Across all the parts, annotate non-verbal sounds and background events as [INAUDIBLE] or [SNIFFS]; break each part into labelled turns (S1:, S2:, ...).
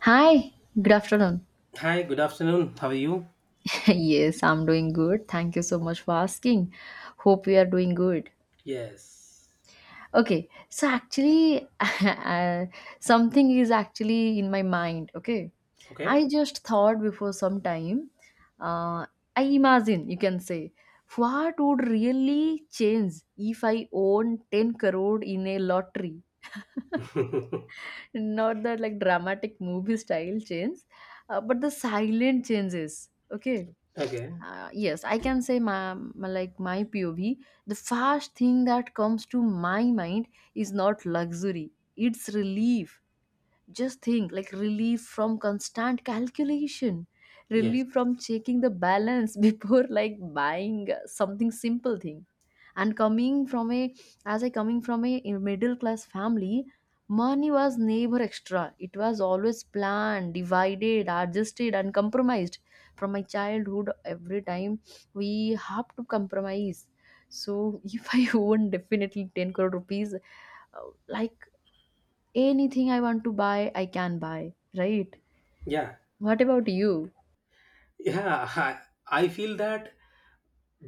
S1: Hi, good afternoon.
S2: Hi, good afternoon. How are you?
S1: [LAUGHS] Yes, I'm doing good. Thank you so much for asking. Hope you are doing good.
S2: Yes.
S1: Okay, so actually, [LAUGHS] something is actually in my mind. Okay,
S2: Okay.
S1: I just thought before some time, uh, I imagine you can say, what would really change if I own 10 crore in a lottery? [LAUGHS]
S2: [LAUGHS]
S1: Not that like dramatic movie style change, but the silent changes, okay.
S2: okay.
S1: Yes, I can say my like my POV. The first thing that comes to my mind is not luxury, it's relief. Just think, like, relief from constant calculation,
S2: Yes.
S1: relief from checking the balance [LAUGHS] before like buying something simple thing. And coming from a as I coming from a middle class family, money was never extra, it was always planned, divided, adjusted and compromised. From my childhood every time we have to compromise. So if I [LAUGHS] own definitely 10 crore rupees, like anything I want to buy, I can buy, right?
S2: Yeah.
S1: What about you?
S2: Yeah, I feel that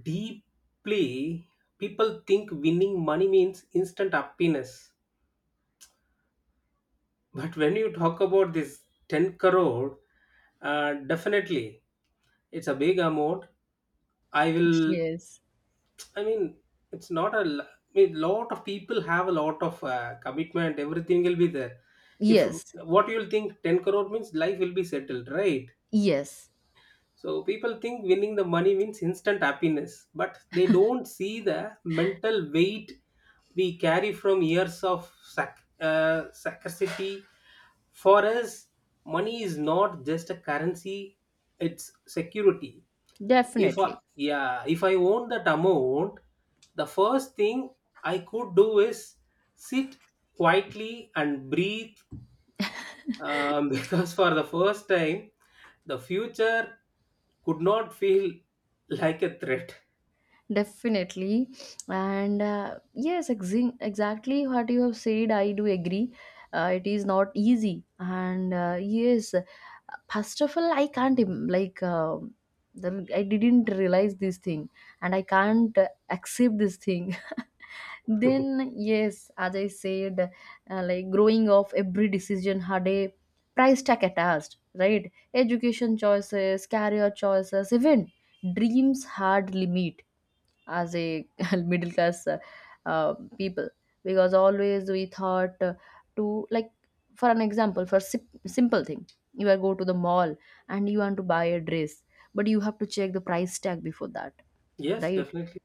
S2: deeply. People think winning money means instant happiness. But when you talk about this 10 crore, definitely it's a big amount. I will
S1: Yes.
S2: I mean, it's not a. l- I mean, Lot of people have a lot of commitment. Everything will be there. If
S1: Yes.
S2: what you'll think, ten crore means life will be settled, right?
S1: Yes.
S2: So people think winning the money means instant happiness, but they don't see the mental weight we carry from years of scarcity. For us, money is not just a currency; it's security.
S1: Definitely.
S2: If I own that amount, the first thing I could do is sit quietly and breathe, [LAUGHS] because for the first time, the future could not feel like a threat.
S1: Definitely. And, yes, exactly what you have said, I do agree. It is not easy. And, yes, first of all, I can't, like, the, I didn't realize this thing, and I can't accept this thing. Then yes, as I said, like growing of every decision had a price tag attached, right? Education choices, career choices, even dreams had limit as a [LAUGHS] middle class people, because always we thought to like, for an example, for simple thing, you are go to the mall and you want to buy a dress, but you have to check the price tag before that,
S2: Yes,
S1: right?
S2: definitely.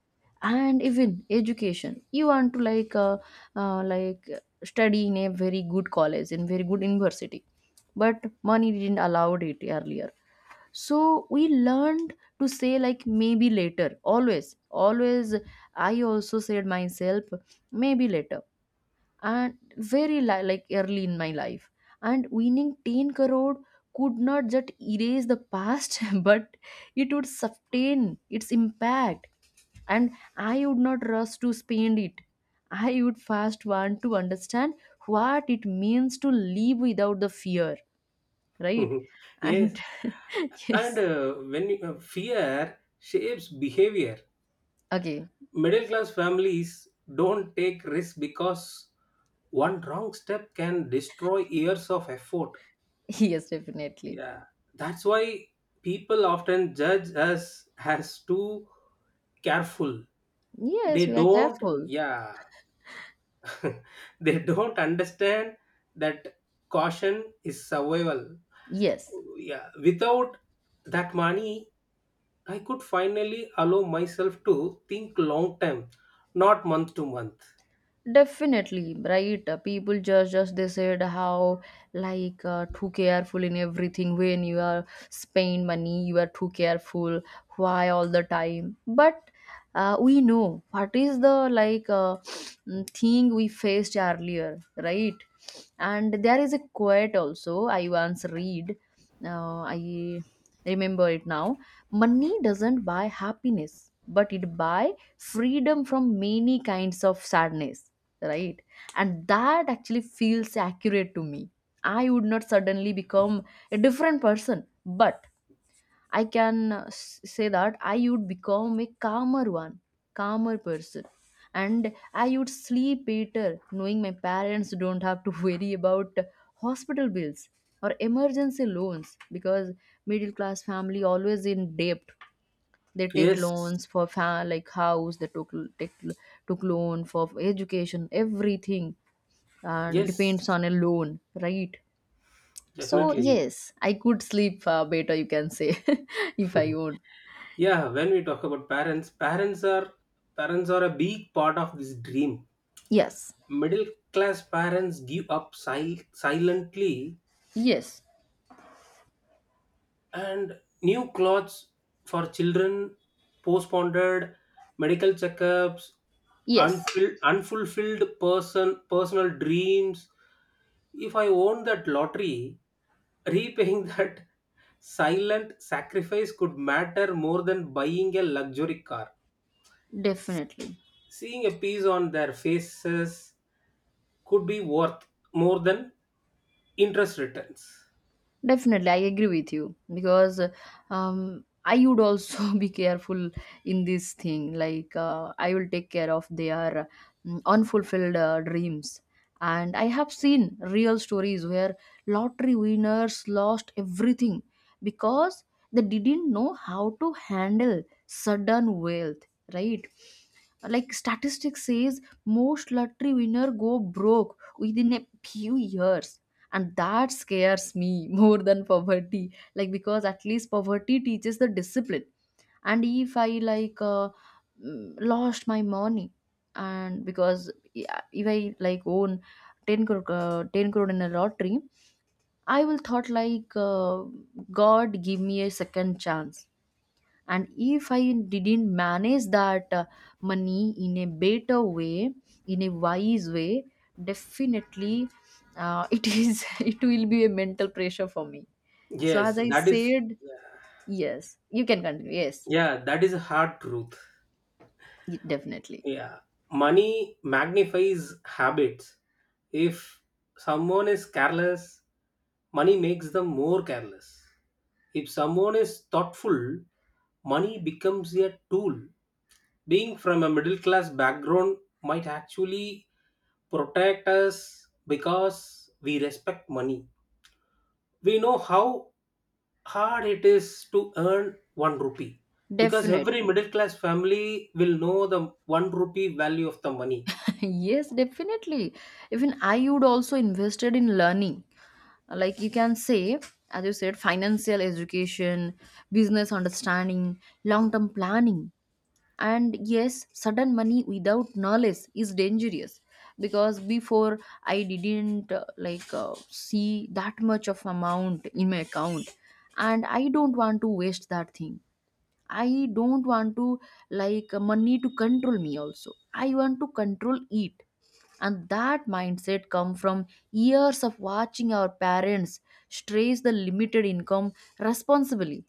S1: And even education, you want to like study in a very good college, in very good university, but money didn't allow it earlier. So we learned to say, like, maybe later, always always I also said myself, maybe later, and very like early in my life. And winning 10 crore could not just erase the past, [LAUGHS] but it would sustain its impact, and I would not rush to spend it. I would first want to understand what it means to live without the fear, right?
S2: [LAUGHS] Yes.
S1: And [LAUGHS]
S2: And
S1: yes.
S2: fear shapes behavior.
S1: Okay.
S2: Middle class families don't take risks because one wrong step can destroy years of effort.
S1: Yes. Definitely.
S2: Yeah, that's why people often judge us as too careful. They
S1: Yes, we are
S2: don't,
S1: careful.
S2: yeah, [LAUGHS] they don't understand that caution is survival.
S1: Yes.
S2: Yeah, without that money, I could finally allow myself to think long term, not month to month.
S1: Definitely, right? People just they said how like too careful in everything. When you are spend money, you are too careful. Why all the time? But we know what is the like [SNIFFS] thing we faced earlier, right? And there is a quote also I once read. I remember it now. Money doesn't buy happiness, but it buy freedom from many kinds of sadness, right? And that actually feels accurate to me. I would not suddenly become a different person, but I can say that I would become a calmer one, calmer person. And I would sleep better knowing my parents don't have to [LAUGHS] worry about hospital bills or emergency loans, because middle class family always in debt. They take
S2: Yes,
S1: loans for like house, they take took loan for education, everything, and
S2: yes,
S1: depends on a loan, right? So,
S2: definitely.
S1: yes, I could sleep better, you can say, [LAUGHS] if I
S2: [LAUGHS]
S1: own.
S2: Yeah, when we talk about parents, parents are a big part of this dream.
S1: Yes,
S2: Middle class parents give up silently,
S1: yes,
S2: and new clothes for children, postponed medical checkups,
S1: yes,
S2: unfulfilled personal dreams. If I own that lottery, repaying [LAUGHS] that silent sacrifice could matter more than buying a luxury car.
S1: definitely.
S2: Seeing a piece on their faces could be worth more than interest returns.
S1: Definitely, I agree with you, because I would also [LAUGHS] be careful in this thing. Like, I will take care of their unfulfilled dreams. And I have seen real stories where lottery winners lost everything because they didn't know how to handle sudden wealth, right? Like, statistics says most lottery winner go broke within a few years, and that scares me [LAUGHS] more than poverty, like, because at least poverty teaches the discipline. And if I like lost my money, and because yeah, if I like own 10 crore, 10 crore in a lottery, I will thought like, God give me a second chance. And if I didn't manage that money in a better way, in a wise way, definitely, [LAUGHS] it is, it will be a mental pressure for me. So
S2: Yes,
S1: as I
S2: that is,
S1: said, yes, you can continue. Yes.
S2: yeah, that is a hard truth.
S1: Definitely.
S2: Yeah. Money magnifies habits. If someone is careless, money makes them more careless. If someone is thoughtful, money becomes a tool. Being from a middle class background might actually protect us because we respect money. We know how hard it is to earn one rupee, because every
S1: Definitely.
S2: middle class family will know the one rupee value of the money.
S1: [LAUGHS] Yes, definitely. Even I would also invested in learning, like, you can say, as you said, financial education, business understanding, long term planning. And yes, sudden money without knowledge is dangerous, because before I didn't like see that much of amount in my account, and I don't want to waste that thing. I don't want to like money to control me, also I want to control it. And that mindset come from years of watching our parents stress the limited income responsibly.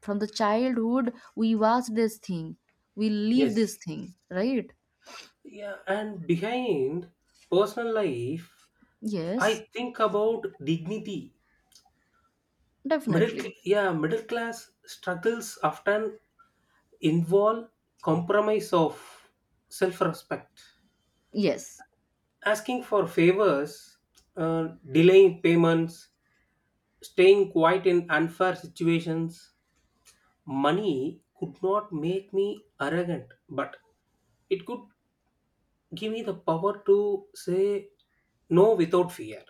S1: From the childhood we watch this thing, we live
S2: Yes.
S1: this thing, right?
S2: Yeah, and behind personal life, I
S1: Yes.
S2: think about dignity. Middle
S1: Definitely.
S2: cl- yeah Middle class struggles often involve compromise of self respect,
S1: Yes,
S2: asking for favors, delaying payments, staying quiet in unfair situations. Money could not make me arrogant, but it could give me the power to say no without fear.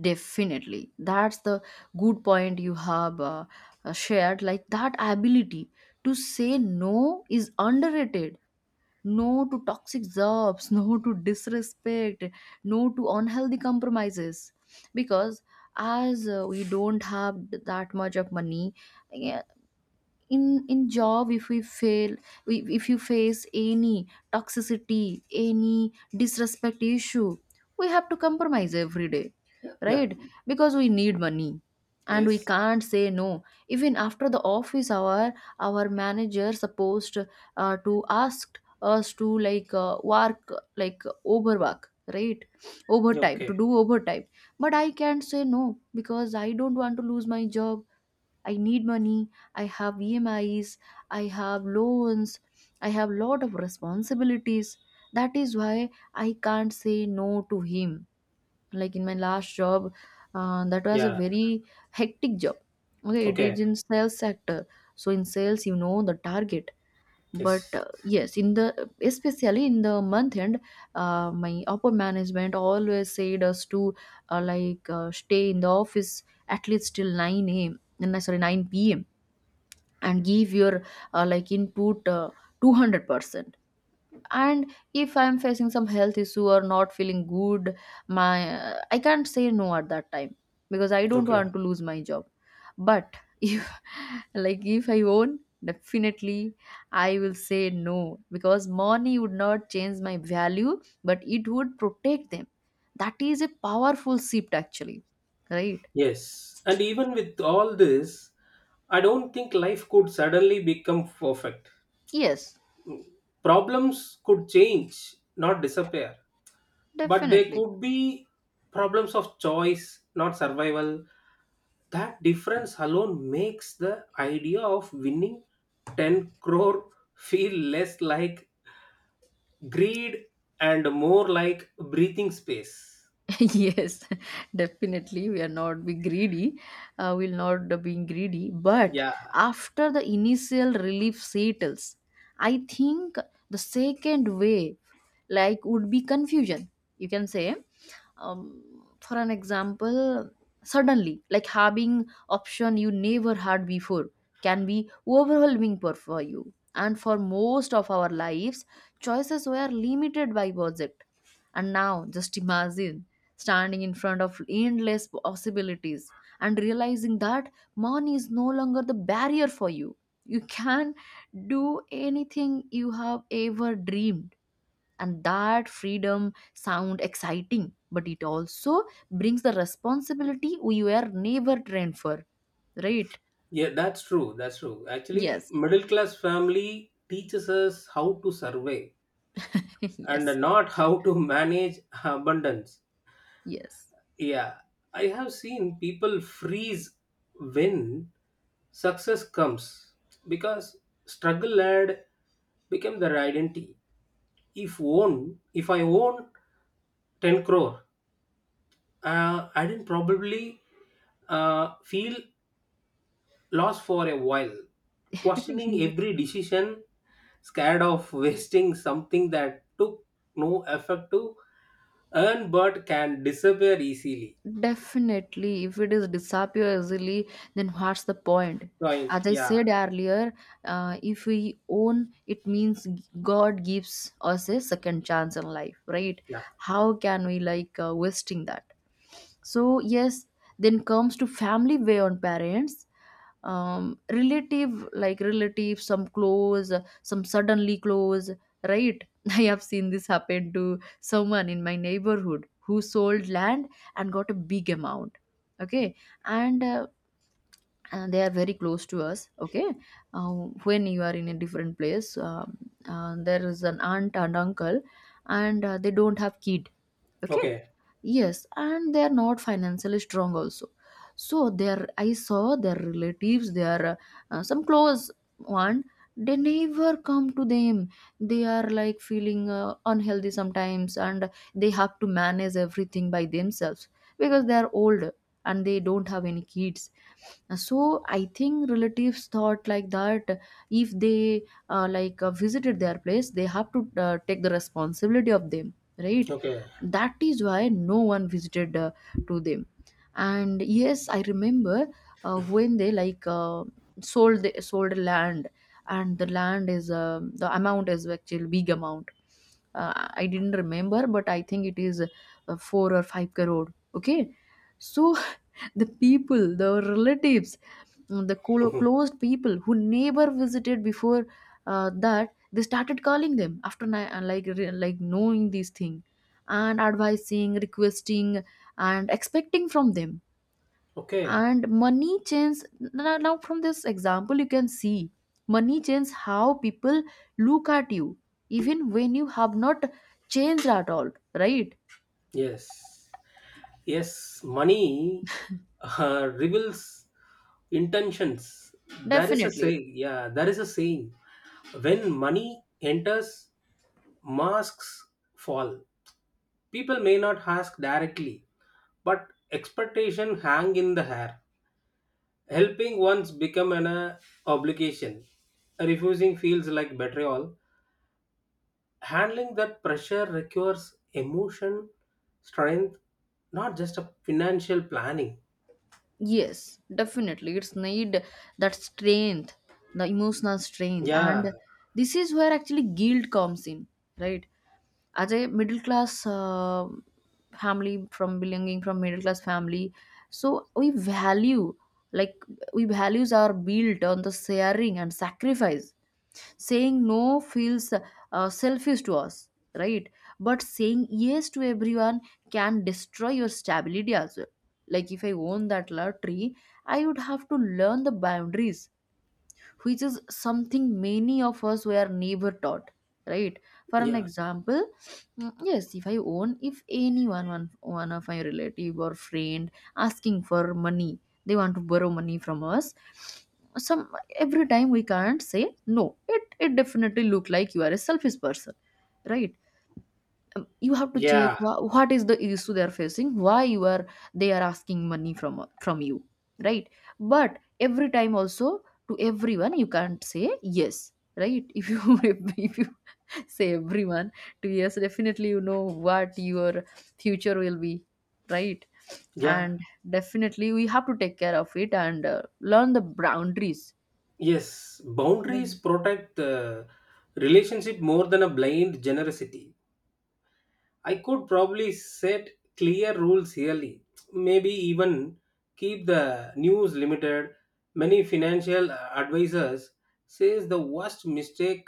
S1: definitely, that's the good point you have shared, like that ability to say no is underrated. No to toxic jobs, [LAUGHS] no to disrespect, no to unhealthy compromises, because, as we don't have that much of money. Yeah. In job, if we fail, if you face any toxicity, any disrespect issue, we have to compromise every day,
S2: Yeah.
S1: right, because we need money, and we
S2: Yes.
S1: can't say no, even after the office hour, our manager supposed to ask us to like work, like overwork, right,
S2: Yeah,
S1: overtime,
S2: okay.
S1: to do overtime. But I can't say no, because I don't want to lose my job, I need money, I have EMIs, I have loans, I have lot of responsibilities. That is why I can't say no to him. Like in my last job, that was a
S2: Yeah.
S1: very hectic job, okay, it
S2: Okay.
S1: is in sales sector. So in sales you know the target. But
S2: Yes.
S1: yes, in the, especially in the month end, my upper management always said us to like stay in the office at least till 9 a.m. and sorry 9 p.m., and give your like input 200%. And if I'm facing some health issue or not feeling good, my, I can't say no at that time, because I don't
S2: Okay.
S1: want to lose my job. But [LAUGHS] if, like, if I own, definitely I will say no, because money would not change my value, but it would protect them. That is a powerful shift, actually, right?
S2: Yes. And even with all this, I don't think life could suddenly become perfect.
S1: Yes,
S2: Problems could change, not disappear. But they
S1: definitely.
S2: could be problems of choice, not survival. That difference alone makes the idea of winning 10 crore feel less like greed and more like breathing space.
S1: [LAUGHS] Yes. [LAUGHS] Definitely, we are not be greedy, we'll not be being greedy. But
S2: Yeah.
S1: after the initial relief settles, I think the second wave, like, would be confusion, you can say. um, for an example, suddenly like having option you never had before can be overwhelming for you, and for most of our lives choices were limited by budget. And now just imagine standing in front of endless possibilities and realizing that money is no longer the barrier for you. You can do anything you have ever dreamed. And that freedom sound exciting, but it also brings the responsibility we were never trained for, right?
S2: That's true, actually.
S1: Yes.
S2: Middle class family teaches us how to survey
S1: [LAUGHS]
S2: and
S1: Yes.
S2: not how to [LAUGHS] manage abundance.
S1: Yes.
S2: Yeah, I have seen people freeze when success comes because struggle had become their identity. If I own 10 crore, I didn't probably feel lost for a while, questioning
S1: [LAUGHS]
S2: every decision, scared of [LAUGHS] wasting something that took no effort to earn but can disappear easily.
S1: Definitely, if it is disappear easily, then what's the point?
S2: Right?
S1: As I
S2: Yeah,
S1: said earlier, if we own, it means God gives us a second chance in life, right?
S2: yeah.
S1: How can we like wasting that? So yes, then comes to family way on parents, relative, like relative, some close, some suddenly close, right? [LAUGHS] I have seen this happen to someone in my neighborhood who sold land and got a big amount, okay. And and they are very close to us, okay. uh, when you are in a different place, there is an aunt and uncle, and they don't have kid, okay.
S2: Okay.
S1: Yes, and they are not financially strong also. So their, I saw their relatives, their some close one, they never come to them. They are like feeling unhealthy sometimes, and they have to manage everything by themselves, because they are old and they don't have any kids. So I think relatives thought like that, if they like visited their place, they have to take the responsibility of them, right?
S2: Okay.
S1: That is why no one visited to them. And yes, I remember when they like sold land, and the land is, the amount is actually big amount. I didn't remember, but I think it is 4 or 5 crore, okay. So [LAUGHS] the people, the relatives, the
S2: [LAUGHS]
S1: closed people who never visited before, that they started calling them after like like knowing these things, and advising, requesting, and expecting from them.
S2: Okay.
S1: And money changes, now from this example, you can see money changes how people look at you, even when you have not changed at all, right?
S2: Yes. Yes. Money reveals intentions. There is a
S1: Definitely.
S2: saying. Yeah. There is a saying. When money enters, masks fall. People may not ask directly, but expectation hang in the air. Helping once become an obligation. Refusing feels like betrayal. Handling that pressure requires emotion strength, not just a financial planning.
S1: Yes, definitely, it's need that strength, the emotional strength, and
S2: Yeah.
S1: this is where actually guilt comes in, right? As a middle class family, from middle class family, so we value, like, we values are built on the sharing and sacrifice. Saying no feels selfish to us, right? But saying yes to everyone can destroy your stability as well. Like if I own that lottery, I would have to learn the boundaries, which is something many of us were never taught, right? For an
S2: Yeah.
S1: example, yes, if I own, if anyone one of my relative or friend asking for money, they want to borrow money from us, some. Every time we can't say no, it definitely look like you are a selfish person, right? You have to check
S2: Yeah.
S1: what is the issue they are facing, why you are, they are asking money from you, right? But every time also, to everyone you can't say yes, right? [LAUGHS] If you say everyone to yes, definitely you know what your future will be, right?
S2: yeah
S1: And definitely we have to take care of it and learn the boundaries.
S2: yes,
S1: Right.
S2: boundaries protect the relationship more than a blind generosity. I could probably set clear rules yearly, maybe even keep the news limited. Many financial advisors says the worst mistake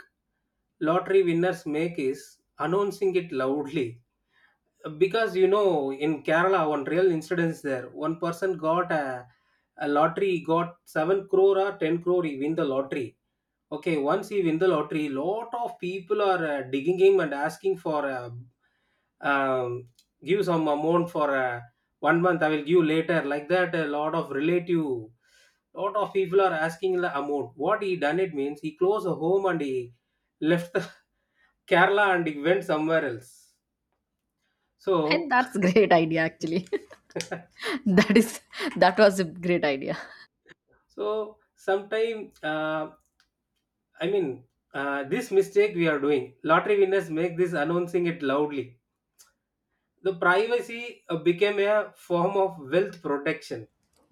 S2: lottery winners make is announcing it loudly. Because you know, in Kerala one real incidents there, one person got a lottery, got 7 crore or 10 crore. He win the lottery. Okay, once he win the lottery, lot of people are digging him and asking for um, give some amount for one month, I will give later, like that. A lot of relative, lot of people are asking the amount. What he done, it means he closed the home and he left the [LAUGHS] Kerala and he went somewhere else.
S1: And [LAUGHS]
S2: So
S1: that's great idea actually. [LAUGHS] That
S2: [LAUGHS]
S1: is, that was a great idea.
S2: so sometime, I mean, this mistake we are doing. Lottery winners make this announcing it loudly. The privacy became a form of wealth protection.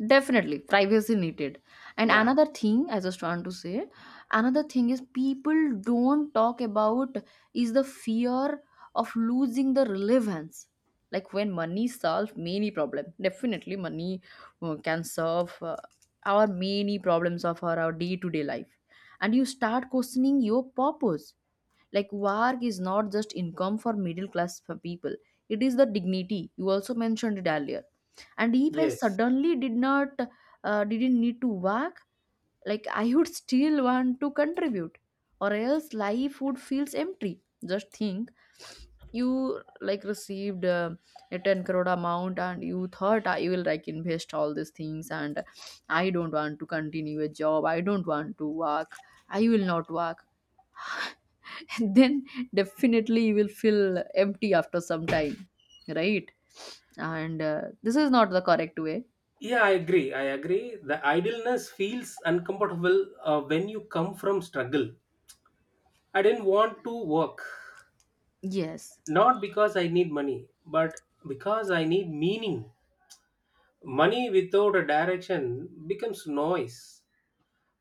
S1: Definitely privacy needed. And
S2: Yeah.
S1: another thing I just want to say, another thing is people don't talk about is the fear of losing the relevance. Like when money solves many problem, definitely money can solve our many problems of our day-to-day life. And you start questioning your purpose. Like work is not just income for middle class people, it is the dignity. You also mentioned it earlier. And if I
S2: Yes.
S1: suddenly didn't need to work, like I would still want to contribute, or else life would feels empty. Just think, you like received a 10 crore amount, and you thought I will like invest all these things, and I don't want to continue a job, I don't want to work, I will not work. [LAUGHS] And then definitely you will feel empty after some time, right? And this is not the correct way.
S2: I agree. The idleness feels uncomfortable when you come from struggle. I didn't want to work,
S1: Yes.
S2: not because I need money, but because I need meaning. Money without a direction becomes noise.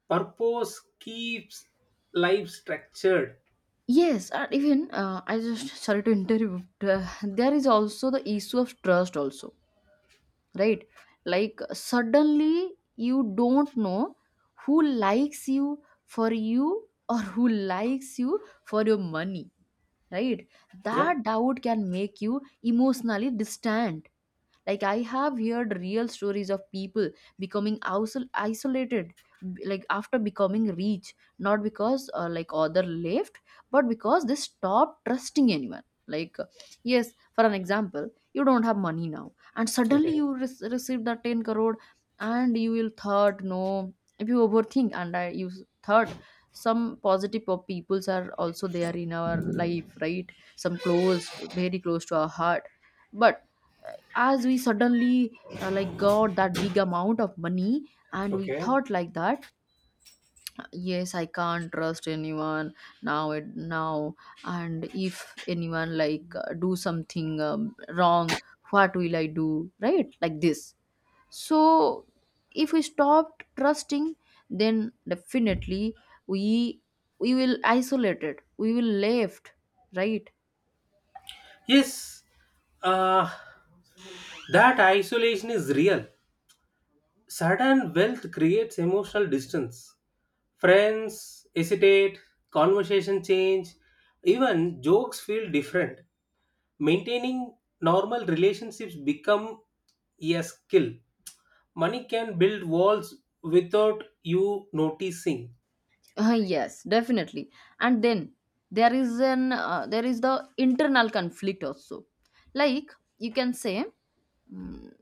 S2: Purpose keeps life structured.
S1: Yes, and even I just sorry to interrupt. There is also the issue of trust, also, right? Like suddenly you don't know who likes you for you or who likes you for your money, right?
S2: Yeah.
S1: That doubt can make you emotionally distant. Like I have heard real stories of people becoming isolated, like after becoming rich, not because like other left, but because they stopped trusting anyone. Like yes, for an example, you don't have money now and suddenly
S2: Okay.
S1: you receive that 10 crore, and you will thought no. If you overthink and I, you thought some positive of peoples are also there in our life, right? Some close, very close to our heart. But as we suddenly like got that big amount of money, and we
S2: Okay.
S1: thought like that, yes I can't trust anyone now. It now. And if anyone like do something wrong, what will I do, right? Like this. So if we stopped trusting, then definitely we we will isolated, we will left, right?
S2: Yes, uh, that isolation is real. Sudden wealth creates emotional distance. Friends hesitate, conversation change, even jokes feel different. Maintaining normal relationships become a skill. Money can build walls without you noticing.
S1: Yes, definitely. And then there is an the internal conflict also. Like you can say, mm,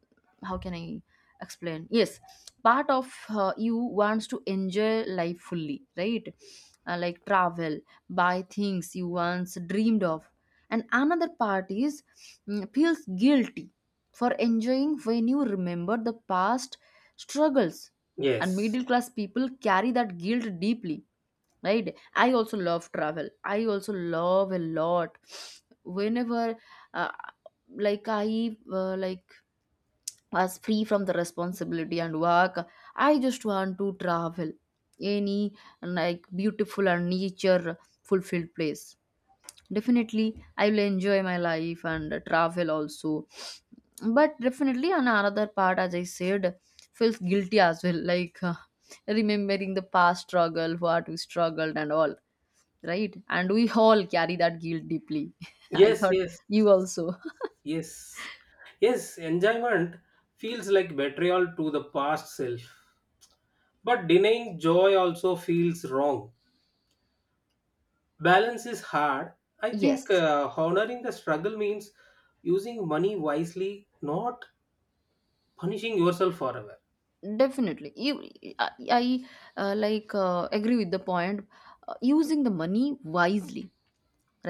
S1: how can I explain? Yes, part of you wants to enjoy life fully, right? Like travel, buy things you once dreamed of, and another part is, mm, feels guilty for enjoying when you remember the past struggles. And
S2: Yes.
S1: middle class people carry that guilt deeply, right? I also love travel, I also love a lot. Whenever uh, like I like was free from the responsibility and work, I just want to travel any like beautiful and nature fulfilled place. Definitely, I will enjoy my life and travel also. But definitely, on another part, as I said, feels guilty as well, like remembering the past struggle, what we struggled, and all, right? And we all carry that guilt deeply. [LAUGHS] I
S2: Yes,
S1: thought
S2: yes.
S1: you also. [LAUGHS]
S2: Yes, yes, Enjoyment feels like betrayal to the past self. But denying joy also feels wrong. Balance is hard. I think
S1: Yes,
S2: honoring the struggle means using money wisely, not punishing yourself forever.
S1: definitely. You, I like agree with the point. Using the money wisely.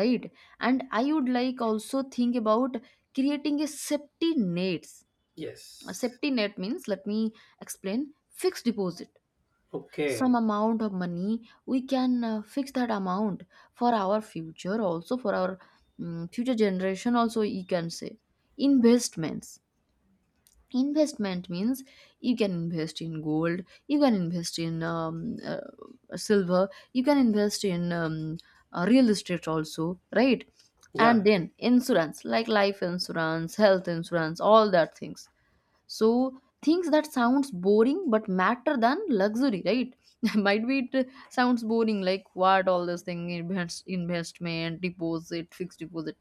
S1: Right. And I would like also think about creating a safety nets. A
S2: Yes.
S1: safety net means, let me explain, fixed deposit, some
S2: Okay.
S1: amount of money we can fix that amount for our future, also for our, mm, future generation, also you can say investments. Investment means you can invest in gold, you can invest in silver, you can invest in real estate also, right?
S2: Yeah.
S1: And then insurance, like life insurance, health insurance, all that things. So things that sounds boring but matter than luxury, right? [LAUGHS] Might be it sounds boring, like what all this thing, investment deposit, fixed deposit.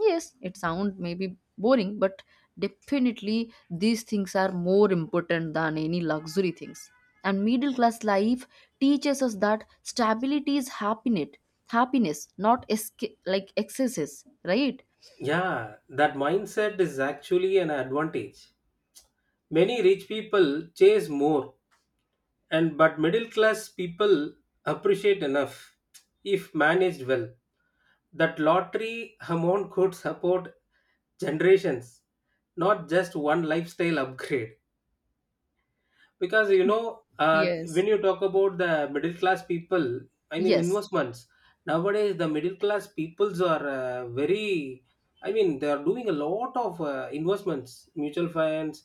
S1: Yes, it sound maybe boring, but definitely these things are more important than any luxury things. And middle class life teaches us that stability is happiness, not like excesses, right?
S2: Yeah. That mindset is actually an advantage. Many rich people chase more, and but middle class people appreciate enough. If managed well, that lottery amount could support generations, not just one lifestyle upgrade. Because you know,
S1: Yes.
S2: when you talk about the middle class people,
S1: Yes,
S2: investments. Nowadays the middle class peoples are very, they are doing a lot of investments, mutual funds,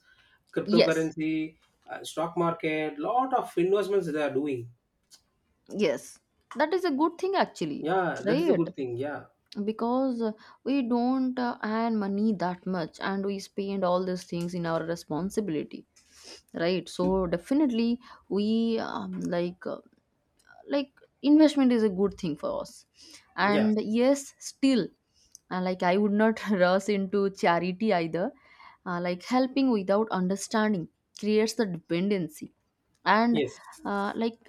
S1: yes,
S2: cryptocurrency, stock market, lot of investments they are doing.
S1: yes. That is a good thing actually,
S2: Yeah, that is a
S1: right?
S2: good thing. Yeah,
S1: Because we don't earn money that much and we spend all these things in our responsibility, right? So definitely we, like, like investment is a good thing for us.
S2: yeah,
S1: And yes, still like I would not [LAUGHS] rush into charity either. Like helping without understanding creates the dependency. And
S2: yes,
S1: like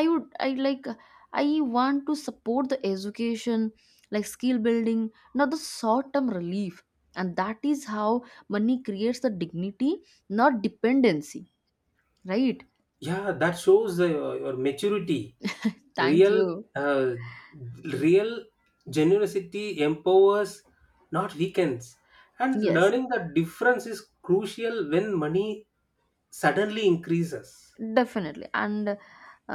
S1: i I want to support the education, like skill building, not the short term relief. And that is how money creates the dignity, not dependency, right?
S2: yeah. That shows your maturity.
S1: Thank
S2: real,
S1: you.
S2: uh, Real generosity empowers, not weakens. And
S1: Yes,
S2: learning the difference is crucial when money suddenly increases.
S1: definitely. And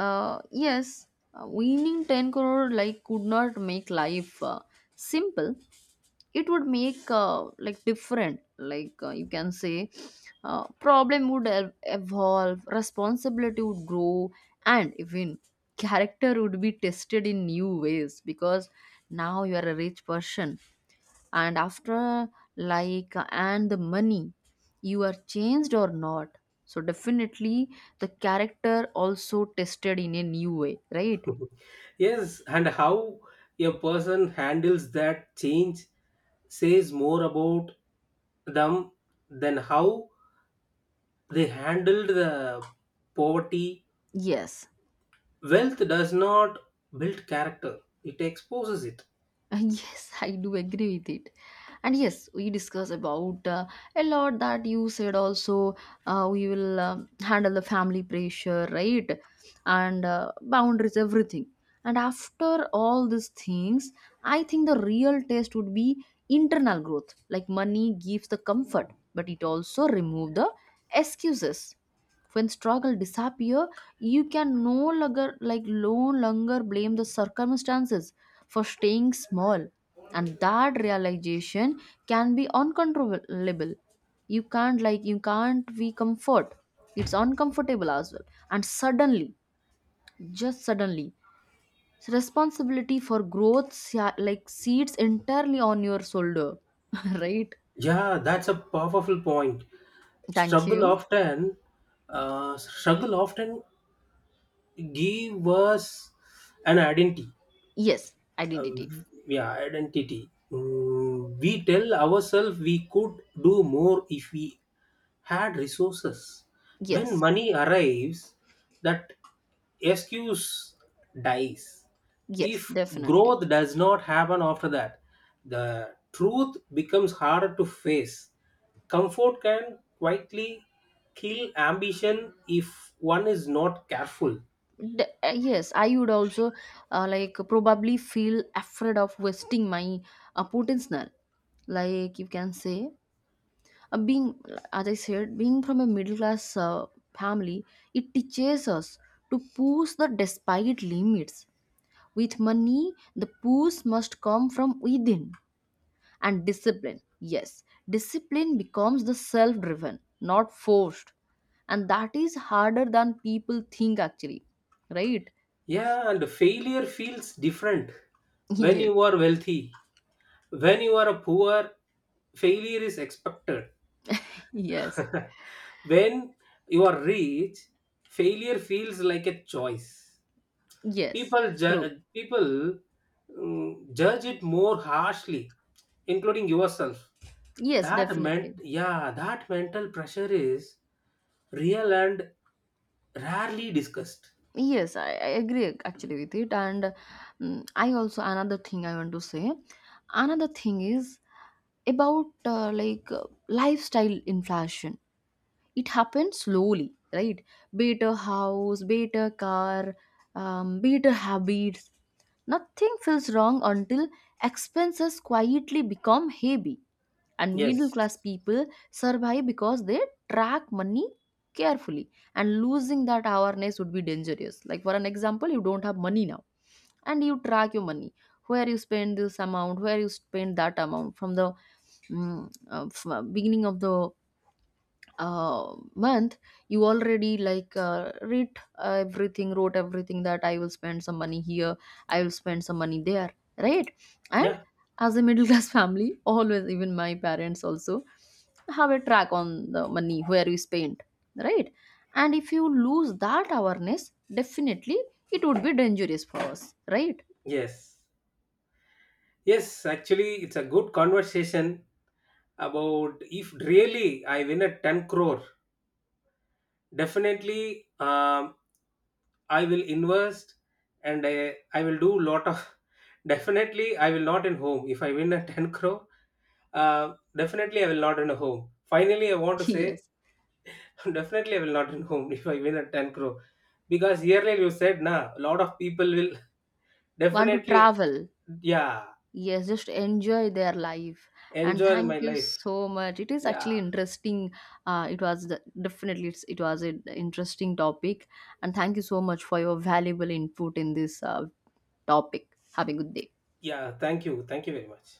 S1: yes, winning 10 crore like could not make life simple. It would make like different, like you can say problem would evolve, responsibility would grow, and even character would be tested in new ways. Because now you are a rich person, and after, like, and the money, you are changed or not. So definitely the character also tested in a new way, right?
S2: [LAUGHS] Yes, and how a person handles that change says more about them than how they handled the poverty.
S1: Yes.
S2: Wealth does not build character, it exposes it.
S1: [LAUGHS] Yes, I do agree with it. And yes, we discuss about a lot that you said also. We will handle the family pressure, right? And boundaries, everything. And after all these things, I think the real test would be internal growth. Like money gives the comfort, but it also remove the excuses. When struggle disappear, you can no longer blame the circumstances for staying small. And that realization can be uncontrollable. You can't, like, you can't be comfort. It's uncomfortable as well. And suddenly, just suddenly, responsibility for growth like seats entirely on your shoulder, [LAUGHS] right?
S2: Yeah, that's a powerful point.
S1: Thank
S2: Struggle
S1: you.
S2: often, Struggle often give us an identity.
S1: Yes,
S2: Uh,
S1: identity.
S2: yeah, Identity. Mm, we tell ourselves we could do more if we had resources. When
S1: Yes,
S2: money arrives, that excuse dies.
S1: yes,
S2: If
S1: definitely.
S2: growth does not happen after that, the truth becomes harder to face. Comfort can quietly kill ambition if one is not careful.
S1: Yes, I would also like probably feel afraid of wasting my potential. Like you can say, being, as I said, being from a middle class family, it teaches us to push the despite limits. With money, the push must come from within. And discipline, yes, discipline becomes the self driven, not forced. And that is harder than people think actually, right?
S2: Yeah, and failure feels different when
S1: [LAUGHS] Yes.
S2: you are wealthy. When you are poor, failure is expected.
S1: Yes,
S2: [LAUGHS] When you are rich, failure feels like a choice.
S1: yes, true.
S2: People mm, judge it more harshly, including yourself.
S1: Yes,
S2: That meant
S1: definitely.
S2: yeah That mental pressure is real and rarely discussed.
S1: Yes, I agree actually with it. And, mm, I also, another thing I want to say, another thing is about lifestyle inflation. It happens slowly, right? Better house, better car, better habits. Nothing feels wrong until expenses quietly become heavy. And middle
S2: Yes.
S1: class people survive because they track money carefully, and losing that awareness would be dangerous. Like for an example, you don't have money now, and you track your money, where you spend this amount, where you spend that amount, from the, beginning of the month, you already like read everything, wrote everything, that I will spend some money here, I will spend some money there, right? And
S2: Yeah.
S1: as a middle class [LAUGHS] family always, even my parents also have a track on the money where we spend, right? And if you lose that awareness, definitely it would be dangerous for us, right?
S2: Yes. Yes, actually it's a good conversation about if really I win a 10 crore. Definitely, I will invest and I will do lot of. [LAUGHS] Definitely, I will not in home. If I win a [LAUGHS] 10 crore, definitely I will not in a home. Finally, I want to
S1: [LAUGHS]
S2: say,
S1: Yes,
S2: [LAUGHS] definitely I will not in home [LAUGHS] if I win a 10 crore. Because earlier you said, nah, a lot of people will [LAUGHS]
S1: want to
S2: definitely,
S1: travel.
S2: yeah,
S1: Yes, just enjoy their life. And
S2: enjoy
S1: thank
S2: my
S1: you
S2: life.
S1: so much. It is
S2: Yeah,
S1: actually interesting. It was the, definitely it's, it was an interesting topic. And thank you so much for your valuable input in this topic. Have a good day.
S2: yeah, thank you. Thank you very much.